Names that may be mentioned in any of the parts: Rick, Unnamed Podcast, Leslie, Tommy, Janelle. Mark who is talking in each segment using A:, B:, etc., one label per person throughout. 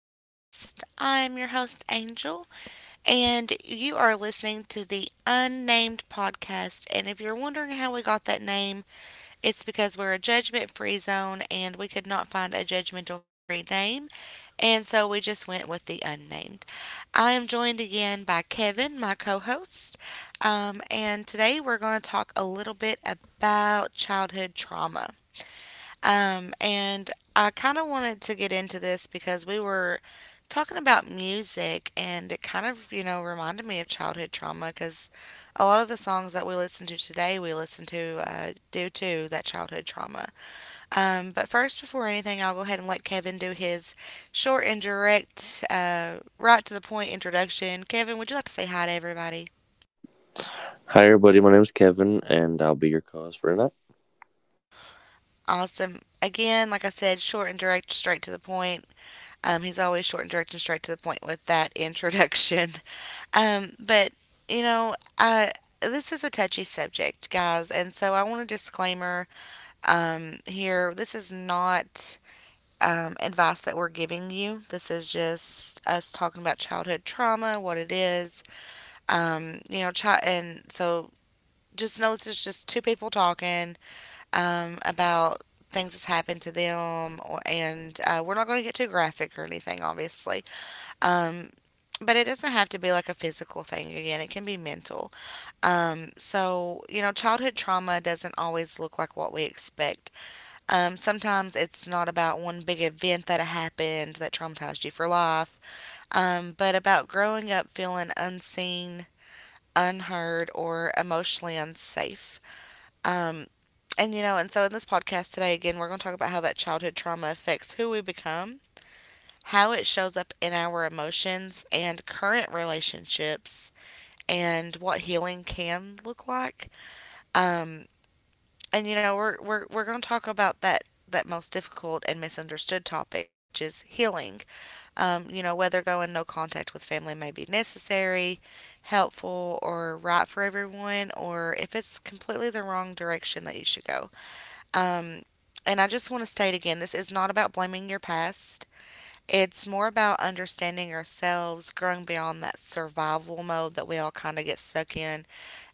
A: Podcast. I'm your host, Angel, and you are listening to the Unnamed Podcast. And if you're wondering how we got that name, it's because we're a judgment free zone and we could not find a judgmental free name. And so we just went with the unnamed. I am joined again by Kevin, my co host. And today we're going to talk a little bit about childhood trauma. And I kind of wanted to get into this because we were talking about music, and it kind of, reminded me of childhood trauma because a lot of the songs that we listen to today, we listen to due to that childhood trauma. But first, before anything, I'll go ahead and let Kevin do his short and direct, right to the point introduction. Kevin, would you like to say hi to everybody?
B: Hi, everybody. My name's Kevin, and I'll be your host for tonight.
A: Awesome. Again, like I said, short and direct, straight to the point. He's always short and direct and straight to the point with that introduction. But you know, I this is a touchy subject, guys, and so I want a disclaimer here. This is not advice that we're giving you. This is just us talking about childhood trauma, what it is, and so just know this is just two people talking about things that's happened to them, or- and we're not going to get too graphic or anything, obviously. Um, but it doesn't have to be like a physical thing again, it can be mental. Childhood trauma doesn't always look like what we expect. Sometimes it's not about one big event that happened that traumatized you for life, but about growing up feeling unseen, unheard, or emotionally unsafe. Um, and so in this podcast today, again, we're going to talk about how that childhood trauma affects who we become, how it shows up in our emotions and current relationships, and what healing can look like. Um, and you know, we're going to talk about that most difficult and misunderstood topic, which is healing. Whether going no contact with family may be necessary, helpful, or right for everyone, or if it's completely the wrong direction that you should go. Um, and I just want to state again, this is not about blaming your past, it's more about understanding ourselves, growing beyond that survival mode that we all kind of get stuck in,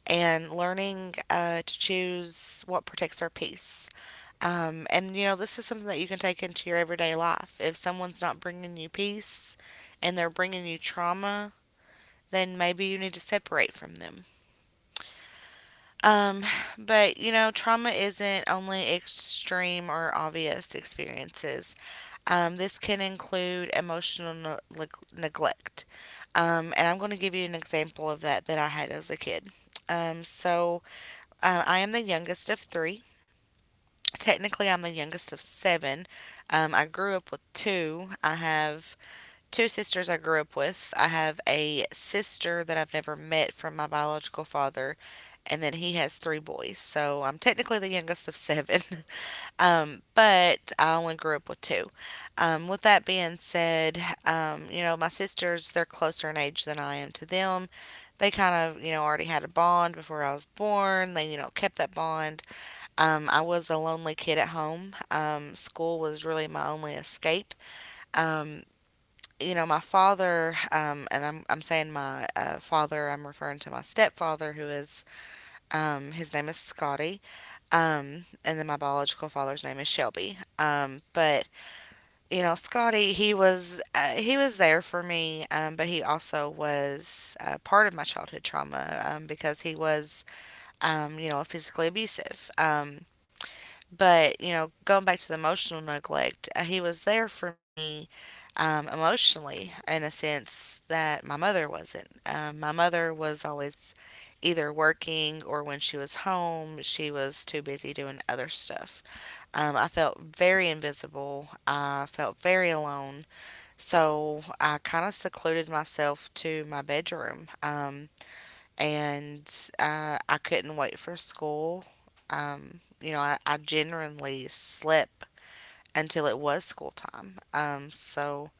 A: and learning to choose what protects our peace. This is something that you can take into your everyday life. If someone's not bringing you peace and they're bringing you trauma, then maybe you need to separate from them. Um, Trauma isn't only extreme or obvious experiences. This can include emotional neglect. And I'm going to give you an example of that that I had as a kid. Um, so I am the youngest of three. Technically, I'm the youngest of seven. I grew up with two. I have two sisters I grew up with. I have a sister that I've never met from my biological father, and then he has three boys. So I'm technically the youngest of seven. But I only grew up with two. With that being said, my sisters, they're closer in age than I am to them. They kind of, you know, already had a bond before I was born. They, you know, kept that bond. I was a lonely kid at home. School was really my only escape. Um, my father, and I'm saying my father, I'm referring to my stepfather, his name is Scotty. And then my biological father's name is Shelby. Scotty, he was there for me, but he also was part of my childhood trauma because he was physically abusive. Going back to the emotional neglect, he was there for me emotionally in a sense that my mother wasn't. My mother was always either working, or when she was home, she was too busy doing other stuff. I felt very invisible. I felt very alone. So I kind of secluded myself to my bedroom. And I couldn't wait for school. I generally slept until it was school time. Um, so,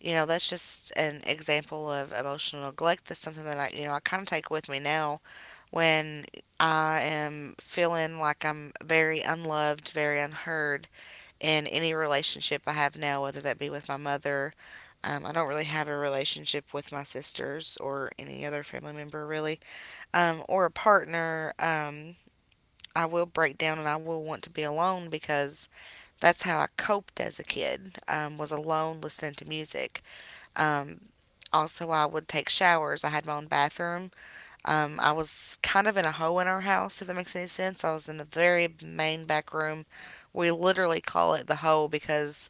A: you know, That's just an example of emotional neglect. That's something that I kind of take with me now when I am feeling like I'm very unloved, very unheard in any relationship I have now, whether that be with my mother. I don't really have a relationship with my sisters or any other family member, really, or a partner. I will break down and I will want to be alone because that's how I coped as a kid. Was alone listening to music. Um, I would take showers. I had my own bathroom. I was kind of in a hoe in our house, if that makes any sense. I was in the very main back room. We literally call it the hoe because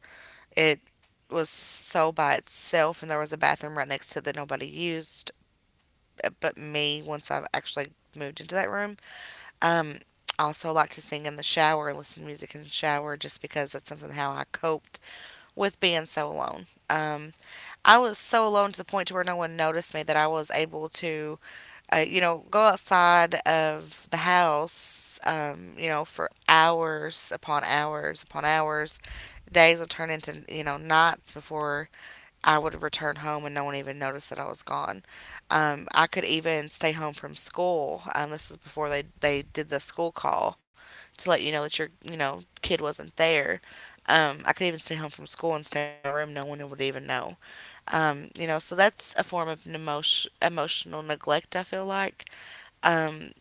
A: it was sold by itself, and there was a bathroom right next to it that nobody used but me, once I actually moved into that room. Um, I also like to sing in the shower and listen to music in the shower just because that's something how I coped with being so alone. I was so alone to the point to where no one noticed me, that I was able to, go outside of the house, for hours upon hours upon hours. Days would turn into, you know, nights before I would return home and no one even noticed that I was gone. I could even stay home from school. This is before they did the school call to let you know that your, you know, kid wasn't there. I could even stay home from school and stay in my room. No one would even know. So that's a form of emotional neglect. I feel like. Um,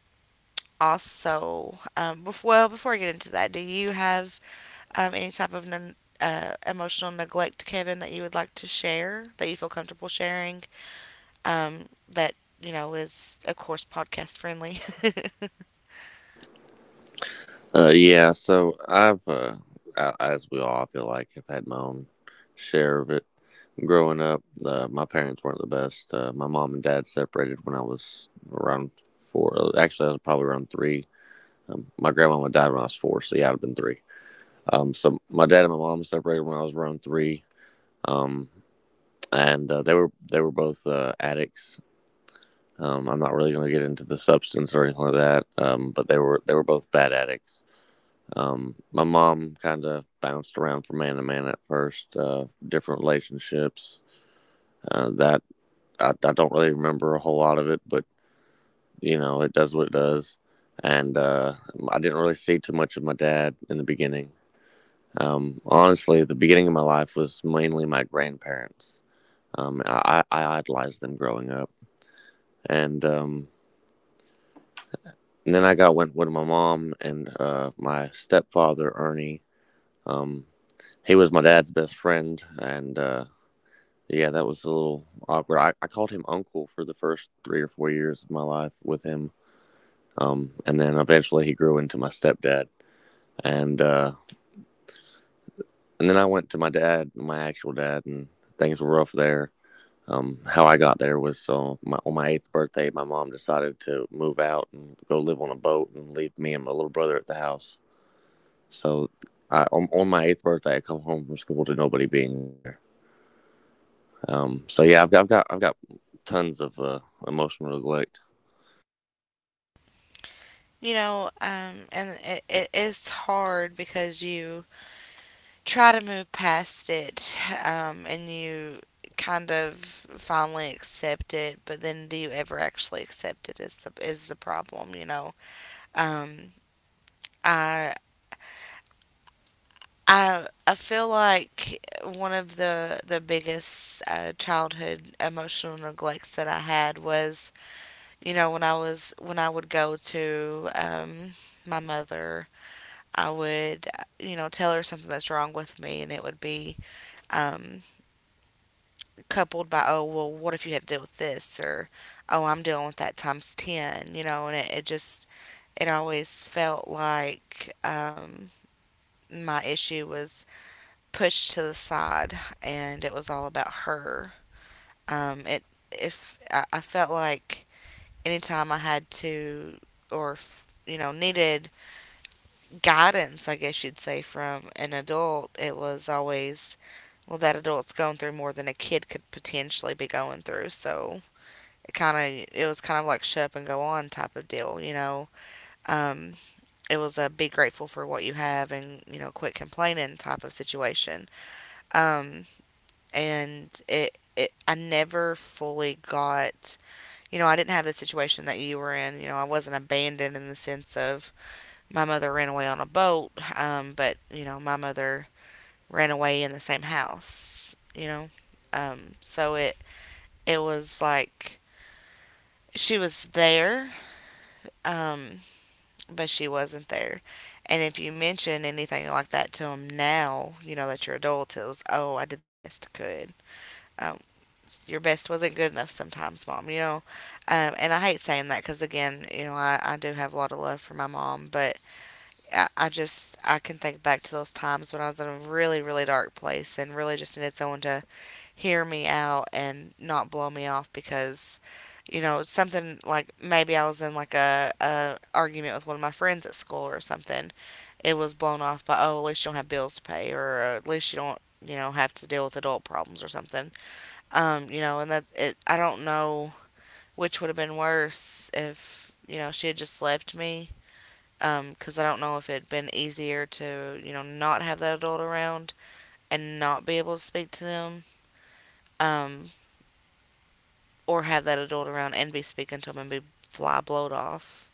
A: Before I get into that, do you have any type of emotional neglect, Kevin, that you would like to share, that you feel comfortable sharing, that you know is, of course, podcast friendly.
B: Yeah. So as we all, I feel like, have had my own share of it. Growing up, my parents weren't the best. My mom and dad separated when I was around four. Actually, I was probably around three. My grandmama died when I was four, so yeah, I'd have been three. So my dad and my mom separated when I was around three. Um, and they were both addicts. I'm not really going to get into the substance or anything like that, but they were both bad addicts. My mom kind of bounced around from man to man at first, different relationships. That I don't really remember a whole lot of it, but you know it does what it does. And I didn't really see too much of my dad in the beginning. Honestly, the beginning of my life was mainly my grandparents. I idolized them growing up, and um, And then I got went with my mom and my stepfather Ernie. Um, he was my dad's best friend, and yeah, that was a little awkward. I called him uncle for the first 3 or 4 years of my life with him, and then eventually he grew into my stepdad, and uh, and then I went to my dad, my actual dad, and things were rough there. How I got there was so on my eighth birthday, my mom decided to move out and go live on a boat and leave me and my little brother at the house. So on my eighth birthday, I come home from school to nobody being there. So yeah, I've got tons of emotional neglect.
A: You know, it is hard because you try to move past it, and you kind of finally accept it, but then do you ever actually accept it is the problem, you know. Um, I I feel like one of the biggest childhood emotional neglects that I had was, you know, when I would go to my mother, I would tell her something that's wrong with me, and it would be um, coupled by, oh, well, what if you had to deal with this, or oh, I'm dealing with that times ten. You know, and it just, it always felt like my issue was pushed to the side, and it was all about her. It if I, I felt like anytime I had to, or you know, needed guidance, I guess you'd say, from an adult, it was always, well, that adult's going through more than a kid could potentially be going through, so it was kind of like shut up and go on, type of deal, you know. um, it was a be grateful for what you have and you know, quit complaining type of situation. Um, and it, it I never fully got, you know, I didn't have the situation that you were in. You know, I wasn't abandoned in the sense of my mother ran away on a boat. But you know, my mother ran away in the same house, you know. So it was like she was there, um, but she wasn't there. And if you mention anything like that to them now, you know, that you're adults, it was, oh, I did the best I could. um, your best wasn't good enough sometimes, mom, you know. And I hate saying that because, again, you know, I do have a lot of love for my mom, but I can think back to those times when I was in a really, really dark place and really just needed someone to hear me out and not blow me off because, you know, something like maybe I was in like a argument with one of my friends at school or something. It was blown off by, oh, at least you don't have bills to pay or at least you don't, you know, have to deal with adult problems or something. You know, and I don't know which would have been worse if, you know, she had just left me. 'Cause I don't know if it'd been easier to, you know, not have that adult around and not be able to speak to them. Um, or have that adult around and be speaking to them and be fly blowed off.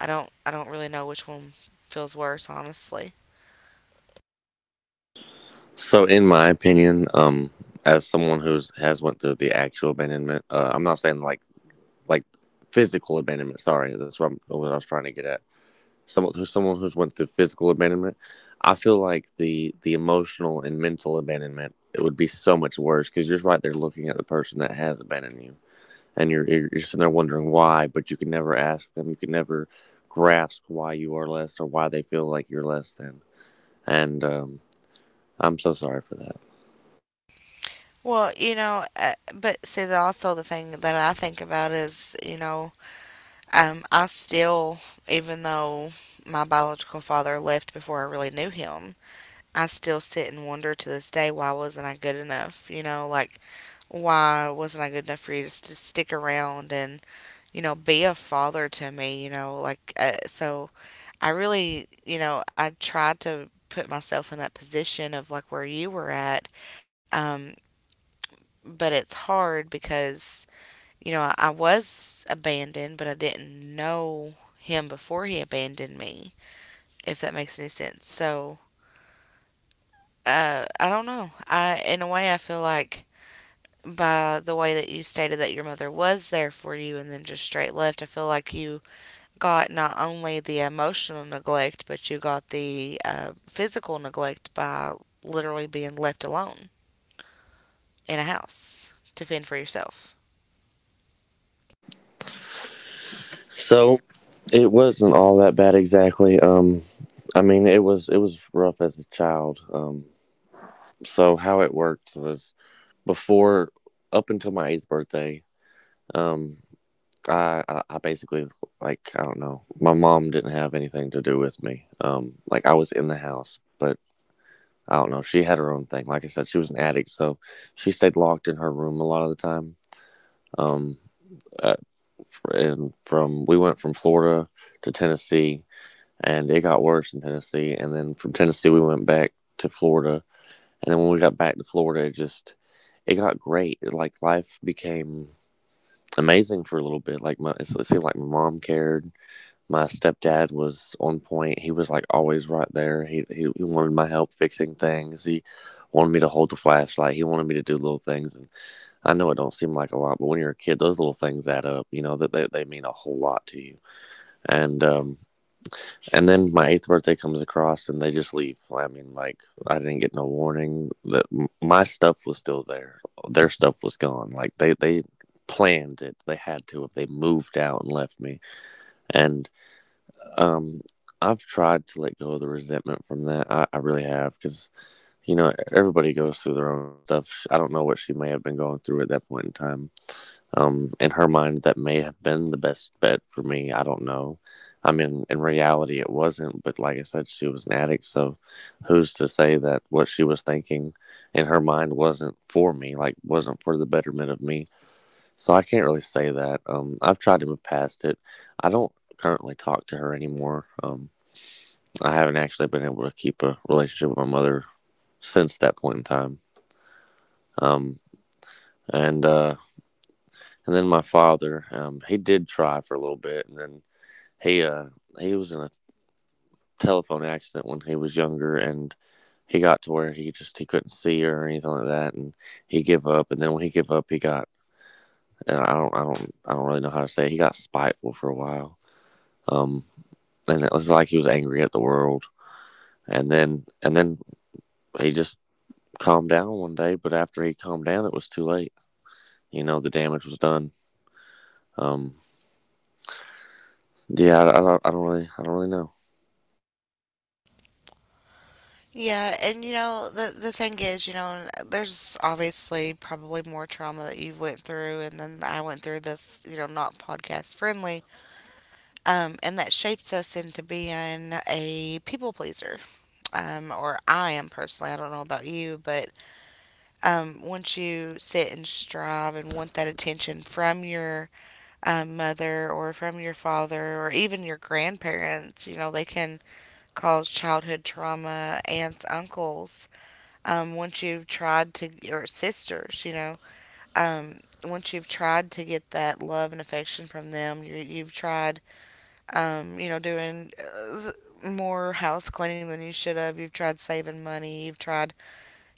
A: I don't really know which one feels worse, honestly.
B: So in my opinion, as someone who's has went through the actual abandonment, I'm not saying like physical abandonment. Sorry, that's what, what I was trying to get at. Someone who's went through physical abandonment, I feel like the emotional and mental abandonment it would be so much worse because you're just right there looking at the person that has abandoned you, and you're sitting there wondering why, but you can never ask them. You can never grasp why you are less or why they feel like you're less than. And I'm so sorry for that.
A: Well, you know, but see, also the thing that I think about is, you know, I still, even though my biological father left before I really knew him, I still sit and wonder to this day, why wasn't I good enough? You know, like why wasn't I good enough for you just to stick around and, you know, be a father to me? You know, like so. I really, you know, I tried to put myself in that position of like where you were at, um, but it's hard because, you know, I was abandoned, but I didn't know him before he abandoned me, if that makes any sense. So, I don't know. I, in a way, I feel like by the way that you stated that your mother was there for you and then just straight left, I feel like you got not only the emotional neglect, but you got the physical neglect by literally being left alone in a house to fend for yourself.
B: So it wasn't all that bad exactly. I mean, it was rough as a child. So how it worked was before up until my eighth birthday. Um, I basically like I don't know. My mom didn't have anything to do with me. Like I was in the house, but I don't know. She had her own thing. Like I said, she was an addict, so she stayed locked in her room a lot of the time. Um, uh, and from we went from Florida to Tennessee, and it got worse in Tennessee. And then from Tennessee, we went back to Florida. And then when we got back to Florida, it got great. Like life became amazing for a little bit. It seemed like my mom cared. My stepdad was on point. He was like always right there. He wanted my help fixing things. He wanted me to hold the flashlight. He wanted me to do little things. And I know it don't seem like a lot, but when you're a kid, those little things add up. You know that they mean a whole lot to you. And um and then my eighth birthday comes across, and they just leave. I mean, like I didn't get no warning. My stuff was still there. Their stuff was gone. Like they planned it. They had to if they moved out and left me. And um, I've tried to let go of the resentment from that. I really have because you know everybody goes through their own stuff. I don't know what she may have been going through at that point in time. In her mind, that may have been the best bet for me. I don't know. I mean, in reality, it wasn't. But like I said, she was an addict, so who's to say that what she was thinking in her mind wasn't for me? Like, wasn't for the betterment of me. So I can't really say that. I've tried to move past it. I don't currently talk to her anymore. I haven't actually been able to keep a relationship with my mother since that point in time. Um, and uh, and then my father, he did try for a little bit, and then he uh, he was in a telephone accident when he was younger, and he got to where he couldn't see her or anything like that, and he gave up. And then when he gave up, he got and I don't really know how to say it. He got spiteful for a while, um, and it was like he was angry at the world. And then he just calmed down one day, but after he calmed down, it was too late. You know the damage was done. Um, I don't really know.
A: Yeah, and you know, the thing is, you know, there's obviously probably more trauma that you went through and then I went through this, you know, not podcast friendly. And that shapes us into being a people pleaser. Or I am personally, I don't know about you, but once you sit and strive and want that attention from your, mother or from your father or even your grandparents, you know, they can cause childhood trauma, aunts, uncles, once you've tried to, or sisters, you know, once you've tried to get that love and affection from them, you, you've tried, you know, doing, more house cleaning than you should have. You've tried saving money. You've tried,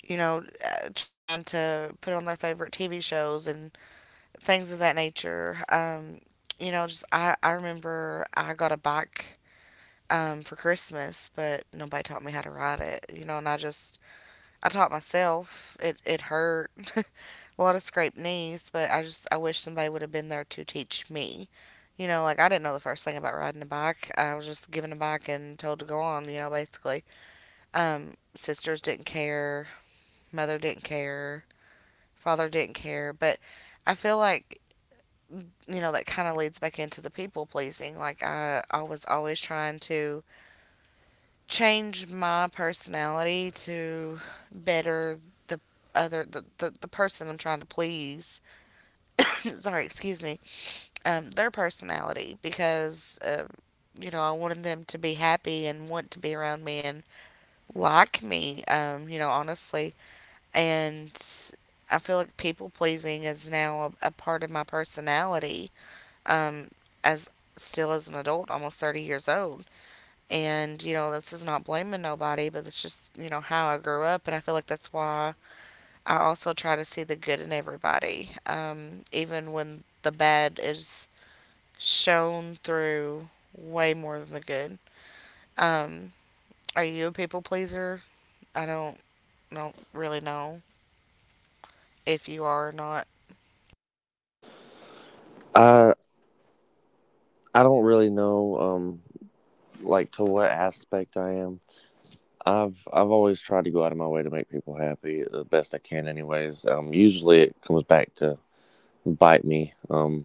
A: you know, trying to put on their favorite TV shows and things of that nature. You know, just I remember I got a bike, for Christmas, but nobody taught me how to ride it, you know, and I just I taught myself. It hurt. A lot of scraped knees, but I wish somebody would have been there to teach me. You know, like I didn't know the first thing about riding a bike. I was just given a bike and told to go on, you know, basically. Sisters didn't care, mother didn't care, father didn't care, but I feel like, you know, that kind of leads back into the people pleasing. Like I was always trying to change my personality to better the other the person I'm trying to please. Sorry, excuse me. Their personality because, you know, I wanted them to be happy and want to be around me and like me. You know, honestly, and I feel like people pleasing is now a part of my personality. Um, as still as an adult, almost 30 years old. And, you know, this is not blaming nobody, but it's just, you know, how I grew up. And I feel like that's why I also try to see the good in everybody, even when the bad is shown through way more than the good. Um, are you a people pleaser? I don't really know if you are or not.
B: I I don't really know, like to what aspect I am. I've always tried to go out of my way to make people happy the best I can, anyways. Usually it comes back to bite me.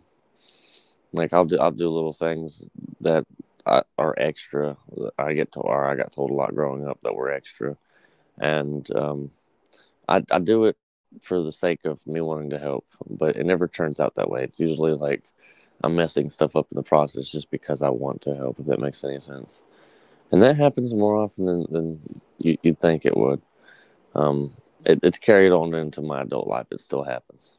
B: Like I'll do little things that are extra. I get to or I got told a lot growing up that were extra, and I do it for the sake of me wanting to help, but it never turns out that way. It's usually like I'm messing stuff up in the process just because I want to help, if that makes any sense. And that happens more often than you'd think it would. Um, it's carried on into my adult life. It still happens.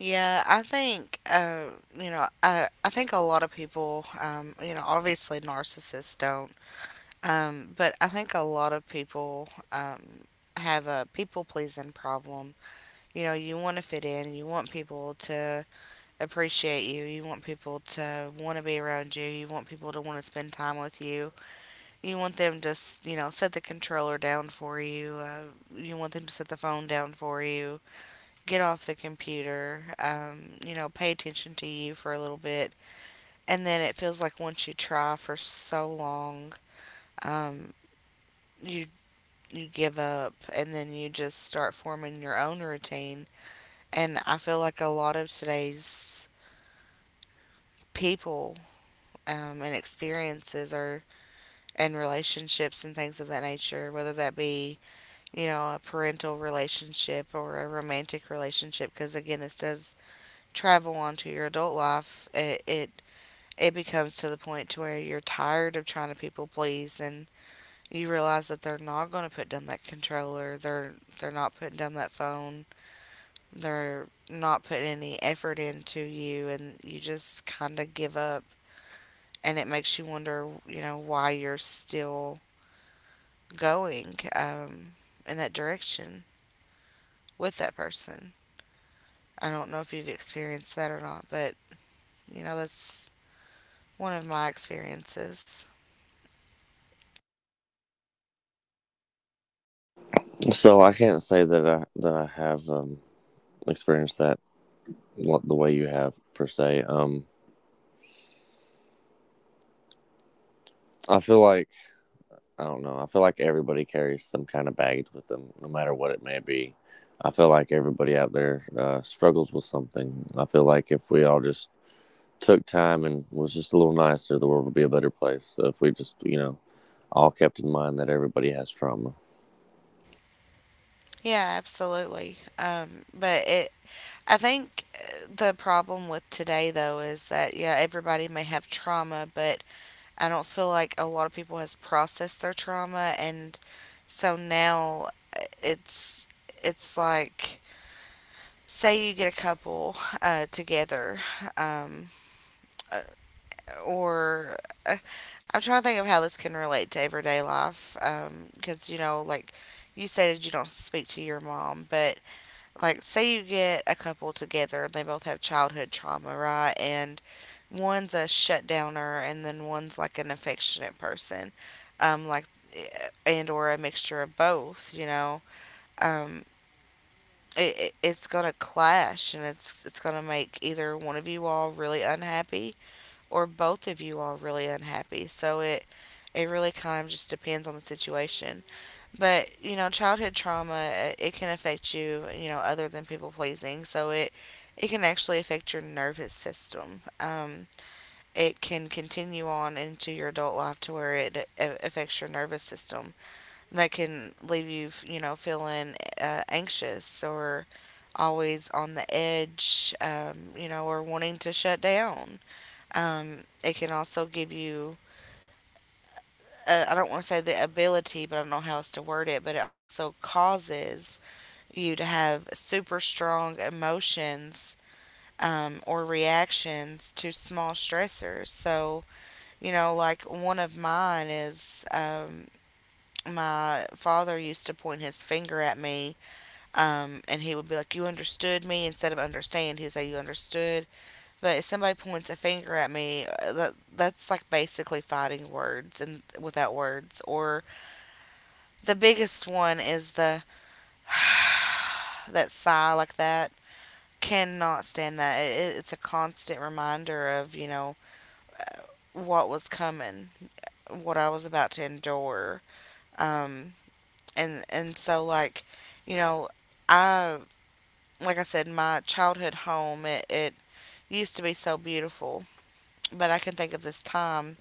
A: Yeah, I think, you know, I think a lot of people, you know, obviously narcissists don't. But I think a lot of people have a people pleasing problem. You know, you want to fit in, you want people to appreciate you, you want people to want to be around you, you want people to want to spend time with you, you want them to, you know, set the controller down for you, you want them to set the phone down for you, get off the computer, you know, pay attention to you for a little bit. And then it feels like once you try for so long, um, you you give up and then you just start forming your own routine. And I feel like a lot of today's people, and experiences are, and relationships and things of that nature, whether that be, you know, a parental relationship or a romantic relationship, because again, this does travel onto your adult life. It becomes to the point to where you're tired of trying to people please and you realize that they're not going to put down that controller, they're not putting down that phone, they're not putting any effort into you and you just kind of give up. And it makes you wonder, you know, why you're still going, in that direction with that person. I don't know if you've experienced that or not, but you know, that's one of my experiences.
B: So I can't say that that I have experienced that the way you have, per se. I feel like, I don't know, I feel like everybody carries some kind of baggage with them, no matter what it may be. I feel like everybody out there struggles with something. I feel like if we all just took time and was just a little nicer, the world would be a better place. So if we just, you know, all kept in mind that everybody has trauma.
A: Yeah, absolutely. But it I think, the problem with today though is that yeah, everybody may have trauma, but I don't feel like a lot of people has processed their trauma. And so now, uh, it's it's like, say you get a couple, together, um, uh, or uh, I'm trying to think of how this can relate to everyday life, because, you know, like, you stated you don't speak to your mom, but like say you get a couple together and they both have childhood trauma, right? And one's a shutdowner and then one's like an affectionate person. Like, and or a mixture of both, you know. Um it's going to clash and it's going to make either one of you all really unhappy or both of you all really unhappy. So it really kind of just depends on the situation. But you know, childhood trauma, it can affect you, you know, other than people pleasing. So it can actually affect your nervous system. It can continue on into your adult life to where it affects your nervous system. That can leave you, you know, feeling, anxious or always on the edge, you know, or wanting to shut down. It can also give you, I don't want to say the ability, but I don't know how else to word it, but it also causes you to have super strong emotions, or reactions to small stressors. So, you know, like one of mine is, my father used to point his finger at me, and he would be like, "You understood me." Instead of understand, he would say, "You understood." But if somebody points a finger at me, that's like basically fighting words and without words. Or the biggest one is the that sigh, like that, cannot stand that. It's a constant reminder of, you know, uh, what was coming, what I was about to endure. Um, and so, like, you know, I, like I said, my childhood home, it used to be so beautiful, but I can think of this time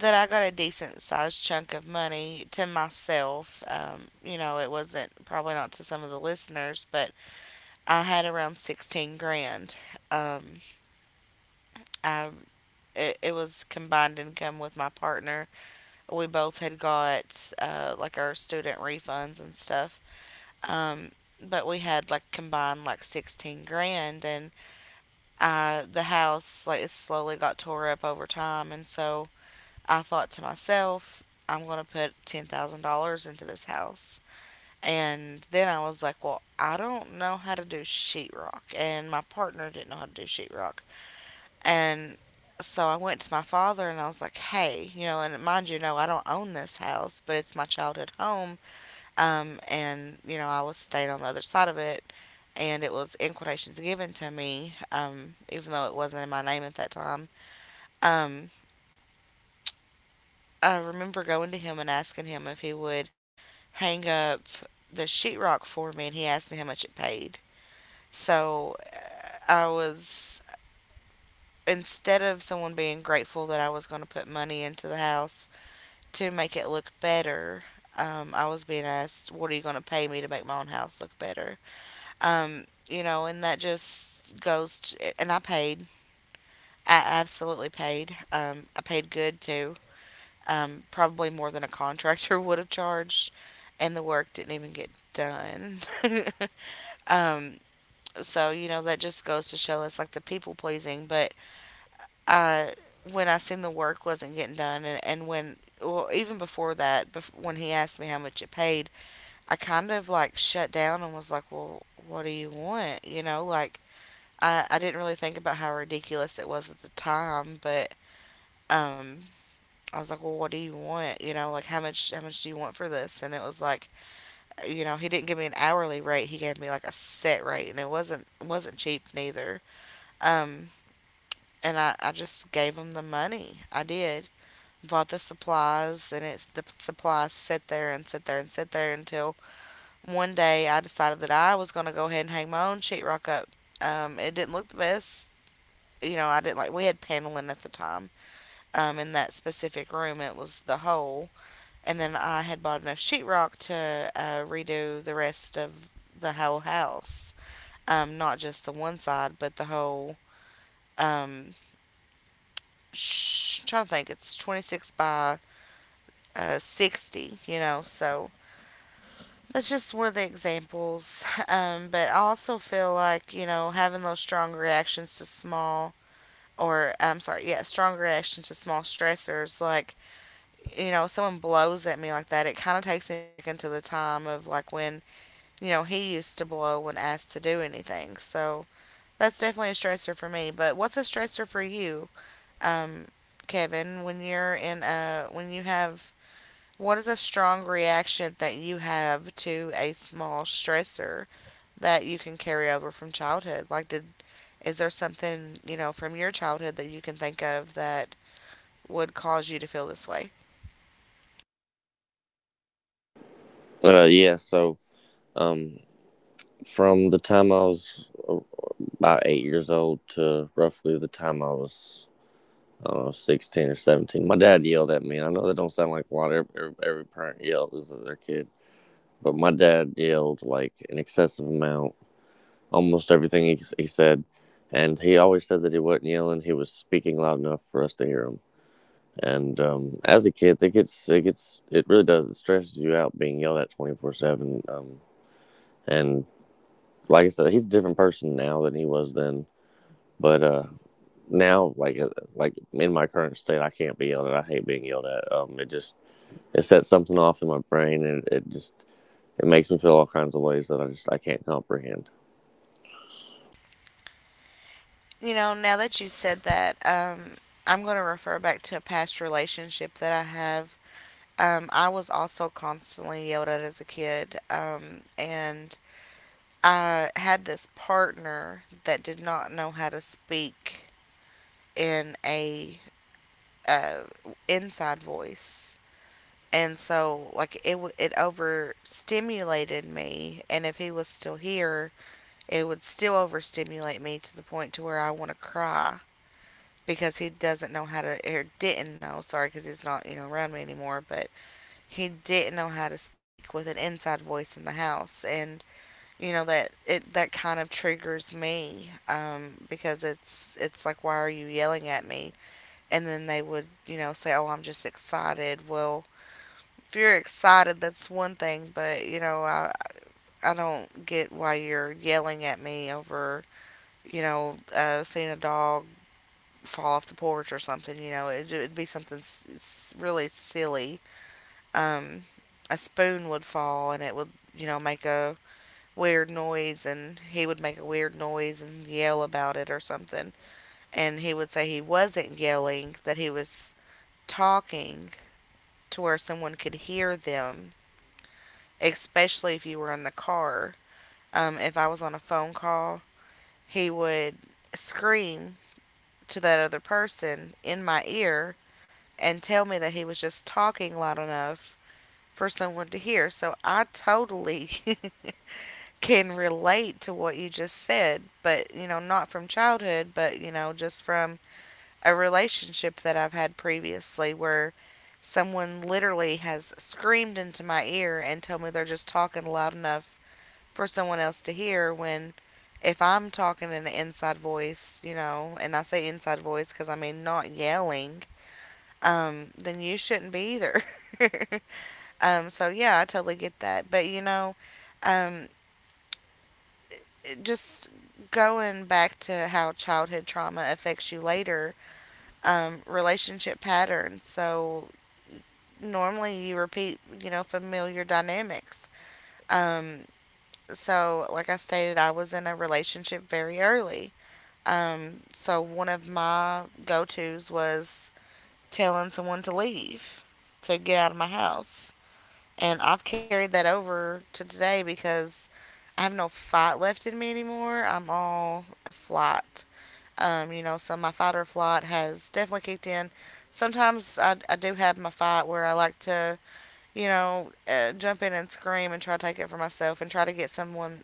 A: that I got a decent sized chunk of money to myself. You know, it wasn't probably not to some of the listeners, but I had around 16 grand. Um, I it was combined income with my partner. We both had got, like our student refunds and stuff. Um, but we had like combined like 16 grand. And the house, like, it slowly got tore up over time. And so I thought to myself, I'm going to put $10,000 into this house. And then I was like, well, I don't know how to do sheetrock and my partner didn't know how to do sheetrock. And so I went to my father and I was like, hey, you know, and mind you, no, I don't own this house, but it's my childhood home. And, you know, I was staying on the other side of it and it was in quotations given to me, even though it wasn't in my name at that time. Um, I remember going to him and asking him if he would hang up the sheetrock for me, and he asked me how much it paid. So, instead of someone being grateful that I was going to put money into the house, to make it look better. I was being asked, "What are you going to pay me to make my own house look better?" And that just goes and I paid. I absolutely paid. I paid good too. Probably more than a contractor would have charged, and the work didn't even get done. um, so that just goes to show it's like the people pleasing. But uh, when I seen the work wasn't getting done, and when well, even before that, when he asked me how much it paid, I kind of like shut down and was like, well, what do you want? You know, like I didn't really think about how ridiculous it was at the time, but um, I was like, well, what do you want? You know, like how much do you want for this? And it was like, you know, he didn't give me an hourly rate. He gave me like a set rate, and it wasn't cheap neither. Um, and I just gave him the money. I did bought the supplies, and it's the supplies sit there and sit there until one day I decided that I was going to go ahead and hang my own sheetrock up. It didn't look the best. You know, I didn't like, we had paneling at the time, in that specific room. It was the hole. And then I had bought enough sheetrock to redo the rest of the whole house. Not just the one side, but the whole, um, I'm trying to think, it's 26 by 60, you know, so that's just one of the examples. But I also feel like, you know, having those strong reactions to small, or I'm sorry, yeah, strong reactions to small stressors, like, you know, someone blows at me like that, it kind of takes me back into the time of like when, you know, he used to blow when asked to do anything. So that's definitely a stressor for me. But what's a stressor for you, um, Kevin, when you're when you have what is a strong reaction that you have to a small stressor that you can carry over from childhood? Like, did is there something you know from your childhood that you can think of that would cause you to feel this way?
B: Yeah, so um, from the time I was about 8 years old to roughly the time I was, I don't know, 16 or 17, my dad yelled at me. I know that don't sound like a lot. Every parent yells at their kid. But my dad yelled like an excessive amount, almost everything he said. And he always said that he wasn't yelling, he was speaking loud enough for us to hear him. And As a kid, it gets it gets it really does it stresses you out being yelled at 24/7. And Like I said, he's a different person now than he was then. But now, like in my current state, I can't be yelled at. I hate being yelled at. It just it sets something off in my brain, and it makes me feel all kinds of ways that I can't comprehend.
A: You know, now that you said that, I'm going to refer back to a past relationship that I have. I was also constantly yelled at as a kid, and I had this partner that did not know how to speak in a uh, inside voice. And so, like, it overstimulated me. And if he was still here, it would still overstimulate me to the point to where I want to cry because he doesn't know how to, or didn't know, sorry, because he's not, you know, around me anymore, but he didn't know how to speak with an inside voice in the house. And, you know, that kind of triggers me, because it's like, why are you yelling at me? And then they would, you know, say, "Oh, I'm just excited." Well, if you're excited, that's one thing, but you know, I don't get why you're yelling at me over, you know, seeing a dog fall off the porch or something. You know, it'd be something really silly. Um, a spoon would fall and it would, you know, make a weird noise, and he would make a weird noise and yell about it or something. And he would say he wasn't yelling; that he was talking to where someone could hear them, especially if you were in the car. If I was on a phone call, he would scream to that other person in my ear and tell me that he was just talking loud enough for someone to hear. So I totally can relate to what you just said, but you know, not from childhood, but you know, just from a relationship that I've had previously where someone literally has screamed into my ear and told me they're just talking loud enough for someone else to hear when if I'm talking in an inside voice, you know, and I say inside voice because I mean not yelling, then you shouldn't be either. So yeah, I totally get that. But um, just going back to how childhood trauma affects you later, relationship patterns. So normally you repeat, you know, familiar dynamics. Um, so, like I stated, I was in a relationship very early. So, one of my go tos was telling someone to leave, to get out of my house. And I've carried that over to today because I have no fight left in me anymore. I'm all flight. You know, so my fight or flight has definitely kicked in. Sometimes I do have my fight where I like to you know, jump in and scream and try to take it for myself and try to get someone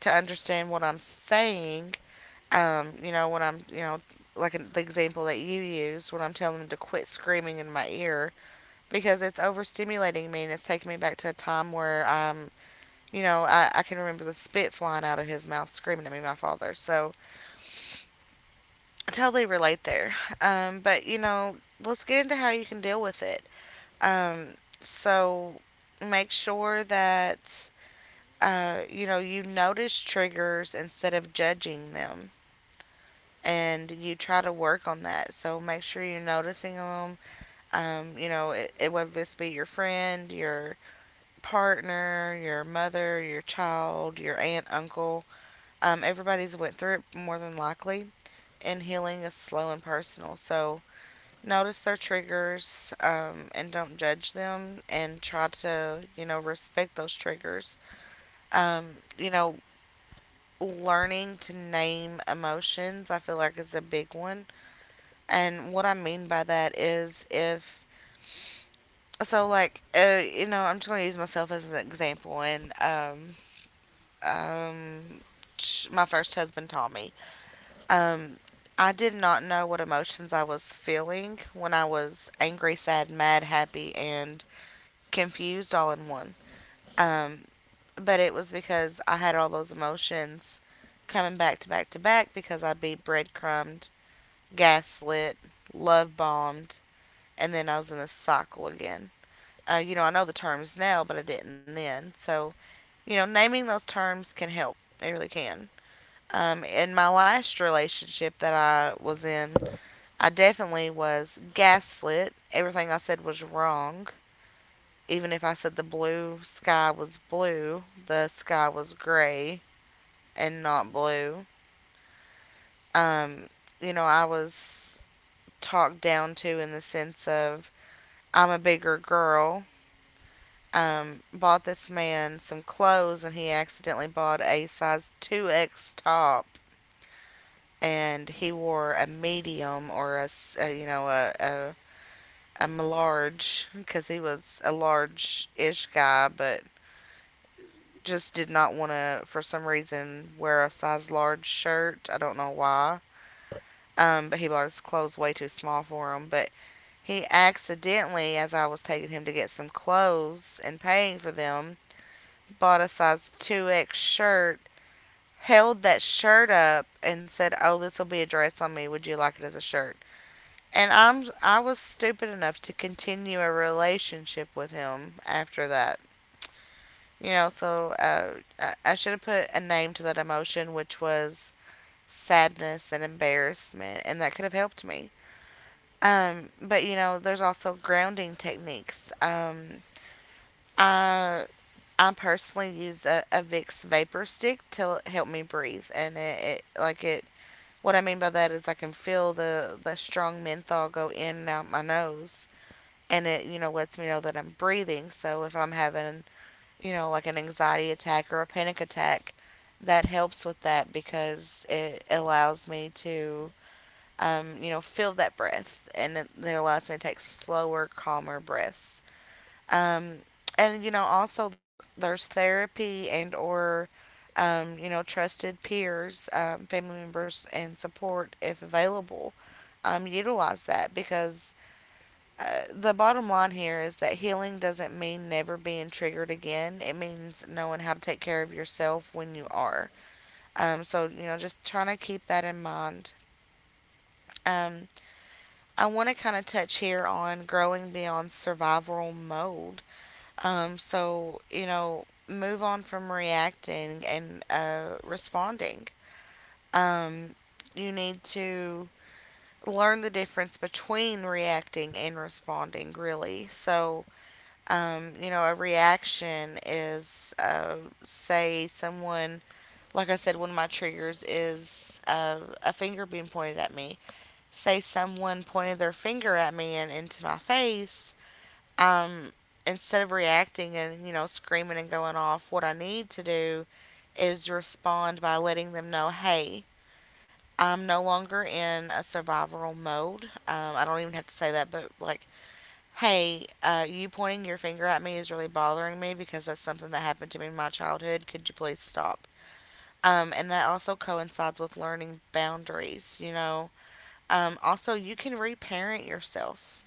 A: to understand what I'm saying. You know, when I'm, you know, the example that you used, when I'm telling them to quit screaming in my ear because it's overstimulating me and it's taking me back to a time where I'm, you know, I can remember the spit flying out of his mouth screaming at me, my father. So I totally relate there. But you know, let's get into how you can deal with it. Um, so make sure that you know, you notice triggers instead of judging them. And you try to work on that. So make sure you're noticing them. You know, whether this be your friend, your partner, your mother, your child, your aunt, uncle. Everybody's went through it more than likely. And healing is slow and personal. So notice their triggers and don't judge them and try to you know respect those triggers um, you know learning to name emotions, I feel like, is a big one. And what I mean by that is if, you know, I'm just going to use myself as an example. And um, my first husband, Tommy, um, I did not know what emotions I was feeling when I was angry, sad, mad, happy, and confused all in one. Um, but it was because I had all those emotions coming back to back to back because I'd be breadcrumbed, gaslit, love bombed, and then I was in a cycle again. You know, I know the terms now, but I didn't then. So, you know, naming those terms can help. It really can. In my last relationship that I was in, I definitely was gaslit. Everything I said was wrong. Even if I said the blue sky was blue, the sky was gray and not blue. Um, you know, I was talked down to in the sense of I'm a bigger girl. Bought this man some clothes, and he accidentally bought a size 2X top, and he wore a medium or a you know, a large, because he was a large ish guy, but just did not want to, for some reason, wear a size large shirt. I don't know why. But he bought his clothes way too small for him. But he accidentally, as I was taking him to get some clothes and paying for them, bought a size 2X shirt, held that shirt up, and said, "Oh, this will be a dress on me. Would you like it as a shirt?" And I was stupid enough to continue a relationship with him after that. You know, so I should have put a name to that emotion, which was sadness and embarrassment, and that could have helped me. But you know, there's also grounding techniques. I I personally use a Vicks vapor stick to help me breathe, and it. What I mean by that is I can feel the strong menthol go in and out my nose, and it you know lets me know that I'm breathing. So if I'm having like an anxiety attack or a panic attack, that helps with that because it allows me to feel that breath, and it allows me to take slower, calmer breaths. um, and also there's therapy. And or trusted peers, family members, and support if available. Utilize that because the bottom line here is that healing doesn't mean never being triggered again. It means knowing how to take care of yourself when you are. So just trying to keep that in mind. um, I want to kind of touch here on growing beyond survival mode. Move on from reacting and responding. Um, you need to learn the difference between reacting and responding, really. So, a reaction is, say, someone— like I said, one of my triggers is a finger being pointed at me. Say someone pointed their finger at me and into my face. um, Instead of reacting and screaming and going off, what I need to do is respond by letting them know, hey, I'm no longer in a survival mode. I don't even have to say that, but like, hey, you pointing your finger at me is really bothering me because that's something that happened to me in my childhood. Could you please stop? And that also coincides with learning boundaries, you know. Also, you can reparent yourself,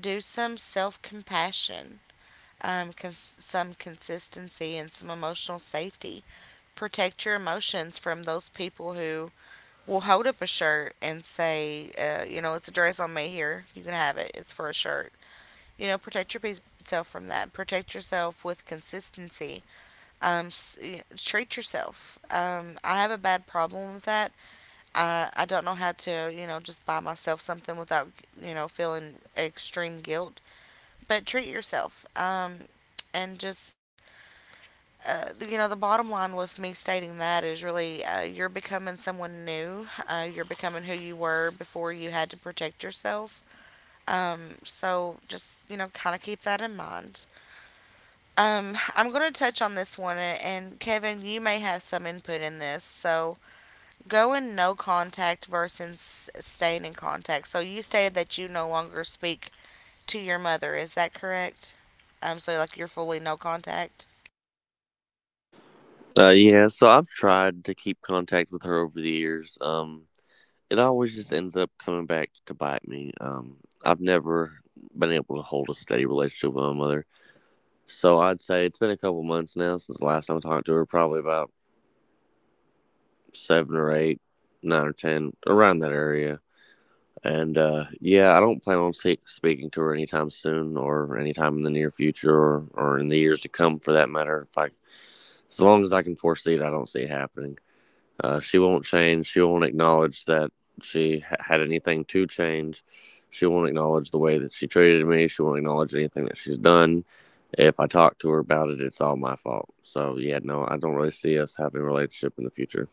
A: do some self compassion, some consistency and some emotional safety. Protect your emotions from those people who will hold up a shirt and say, you know, it's a dress on me here. You can have it. It's for a shirt. You know, protect yourself from that. Protect yourself with consistency. Um, treat yourself. I have a bad problem with that. I don't know how to, you know, just buy myself something without, you know, feeling extreme guilt. But treat yourself. And just, you know, the bottom line with me stating that is really, you're becoming someone new. You're becoming who you were before you had to protect yourself. So just, you know, kind of keep that in mind. I'm going to touch on this one, and Kevin, you may have some input in this. So, go in no contact versus staying in contact. So you stated that you no longer speak to your mother. Is that correct? So like you're fully no contact.
B: Yeah, so I've tried to keep contact with her over the years. It always just ends up coming back to bite me. I've never been able to hold a steady relationship with my mother. So I'd say it's been a couple months now since the last time I talked to her, probably about 7 or 8, 9 or 10, around that area. And yeah, I don't plan on speaking to her anytime soon or anytime in the near future, or in the years to come for that matter. If I, as long as I can foresee it, I don't see it happening. She won't change. She won't acknowledge that she had anything to change. She won't acknowledge the way that she treated me. She won't acknowledge anything that she's done. If I talk to her about it, it's all my fault. So yeah, no, I don't really see us having a relationship in the future.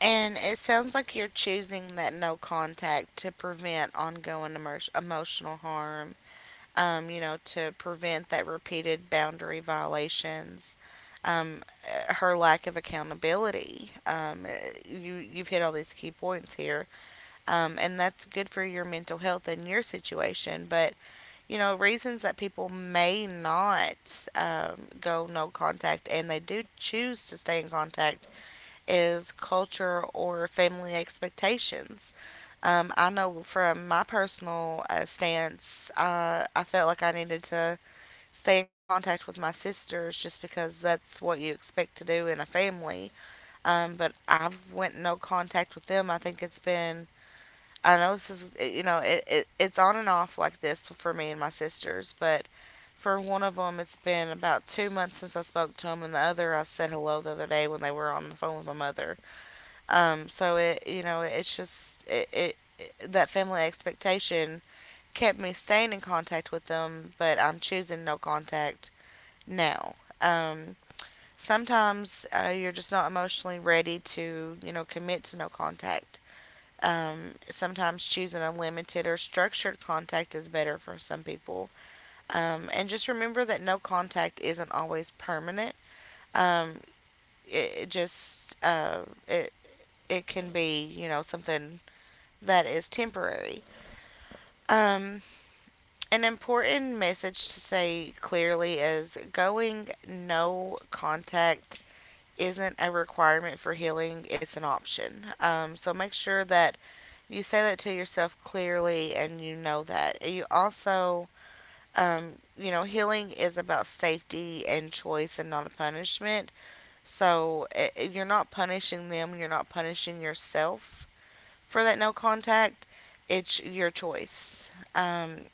A: And it sounds like you're choosing that no contact to prevent ongoing emotional harm, you know, to prevent that repeated boundary violations, her lack of accountability. You, you've hit all these key points here, and that's good for your mental health and your situation. But, you know, reasons that people may not go no contact and they do choose to stay in contact is culture or family expectations. I know from my personal stance, I felt like I needed to stay in contact with my sisters just because that's what you expect to do in a family. But I've went no contact with them. I think it's been— I know this is, you know, it's on and off like this for me and my sisters, but for one of them it's been about 2 months since I spoke to them, and the other I said hello the other day when they were on the phone with my mother. So it, you know, it's just that family expectation kept me staying in contact with them, but I'm choosing no contact now. Um, Sometimes you're just not emotionally ready to, you know, commit to no contact. Sometimes choosing a limited or structured contact is better for some people. And just remember that no contact isn't always permanent. Um, it, it just it It can be, you know, something that is temporary. Um, an important message to say clearly is going no contact isn't a requirement for healing, it's an option. So make sure that you say that to yourself clearly and you know that. You also, you know, healing is about safety and choice and not a punishment. So you're not punishing them, you're not punishing yourself for that no contact, it's your choice.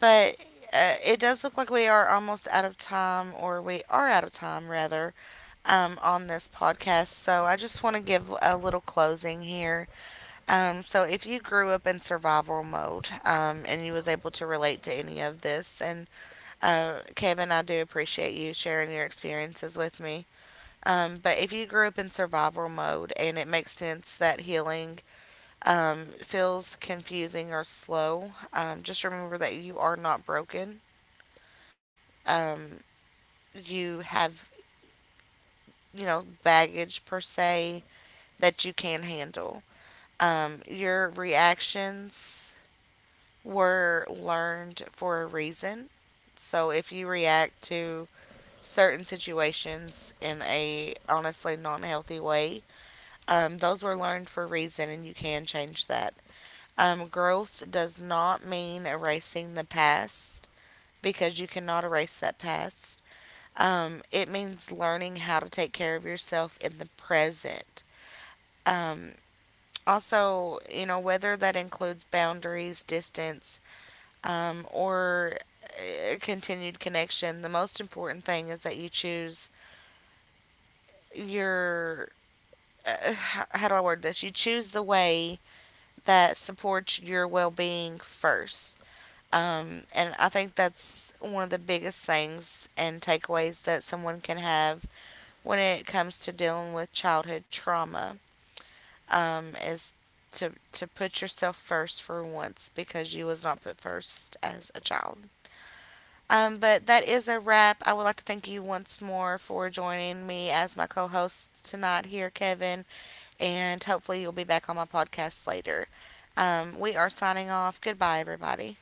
A: But it does look like we are almost out of time, or we are out of time rather, on this podcast. So I just want to give a little closing here. So if you grew up in survival mode, and you was able to relate to any of this, and Kevin, I do appreciate you sharing your experiences with me. But if you grew up in survival mode, and it makes sense that healing feels confusing or slow, just remember that you are not broken. Um, you have, you know, baggage per se that you can handle. Your reactions were learned for a reason. So if you react to certain situations in a honestly non-healthy way, those were learned for a reason, and you can change that. Growth does not mean erasing the past because you cannot erase that past. It means learning how to take care of yourself in the present. Um, Also, you know, whether that includes boundaries, distance, or continued connection, the most important thing is that you choose your— how how do I word this? You choose the way that supports your well being first. And I think that's one of the biggest things and takeaways that someone can have when it comes to dealing with childhood trauma, is to put yourself first for once, because you was not put first as a child. But that is a wrap. I would like to thank you once more for joining me as my co-host tonight here, Kevin, and hopefully you'll be back on my podcast later. We are signing off. Goodbye, everybody.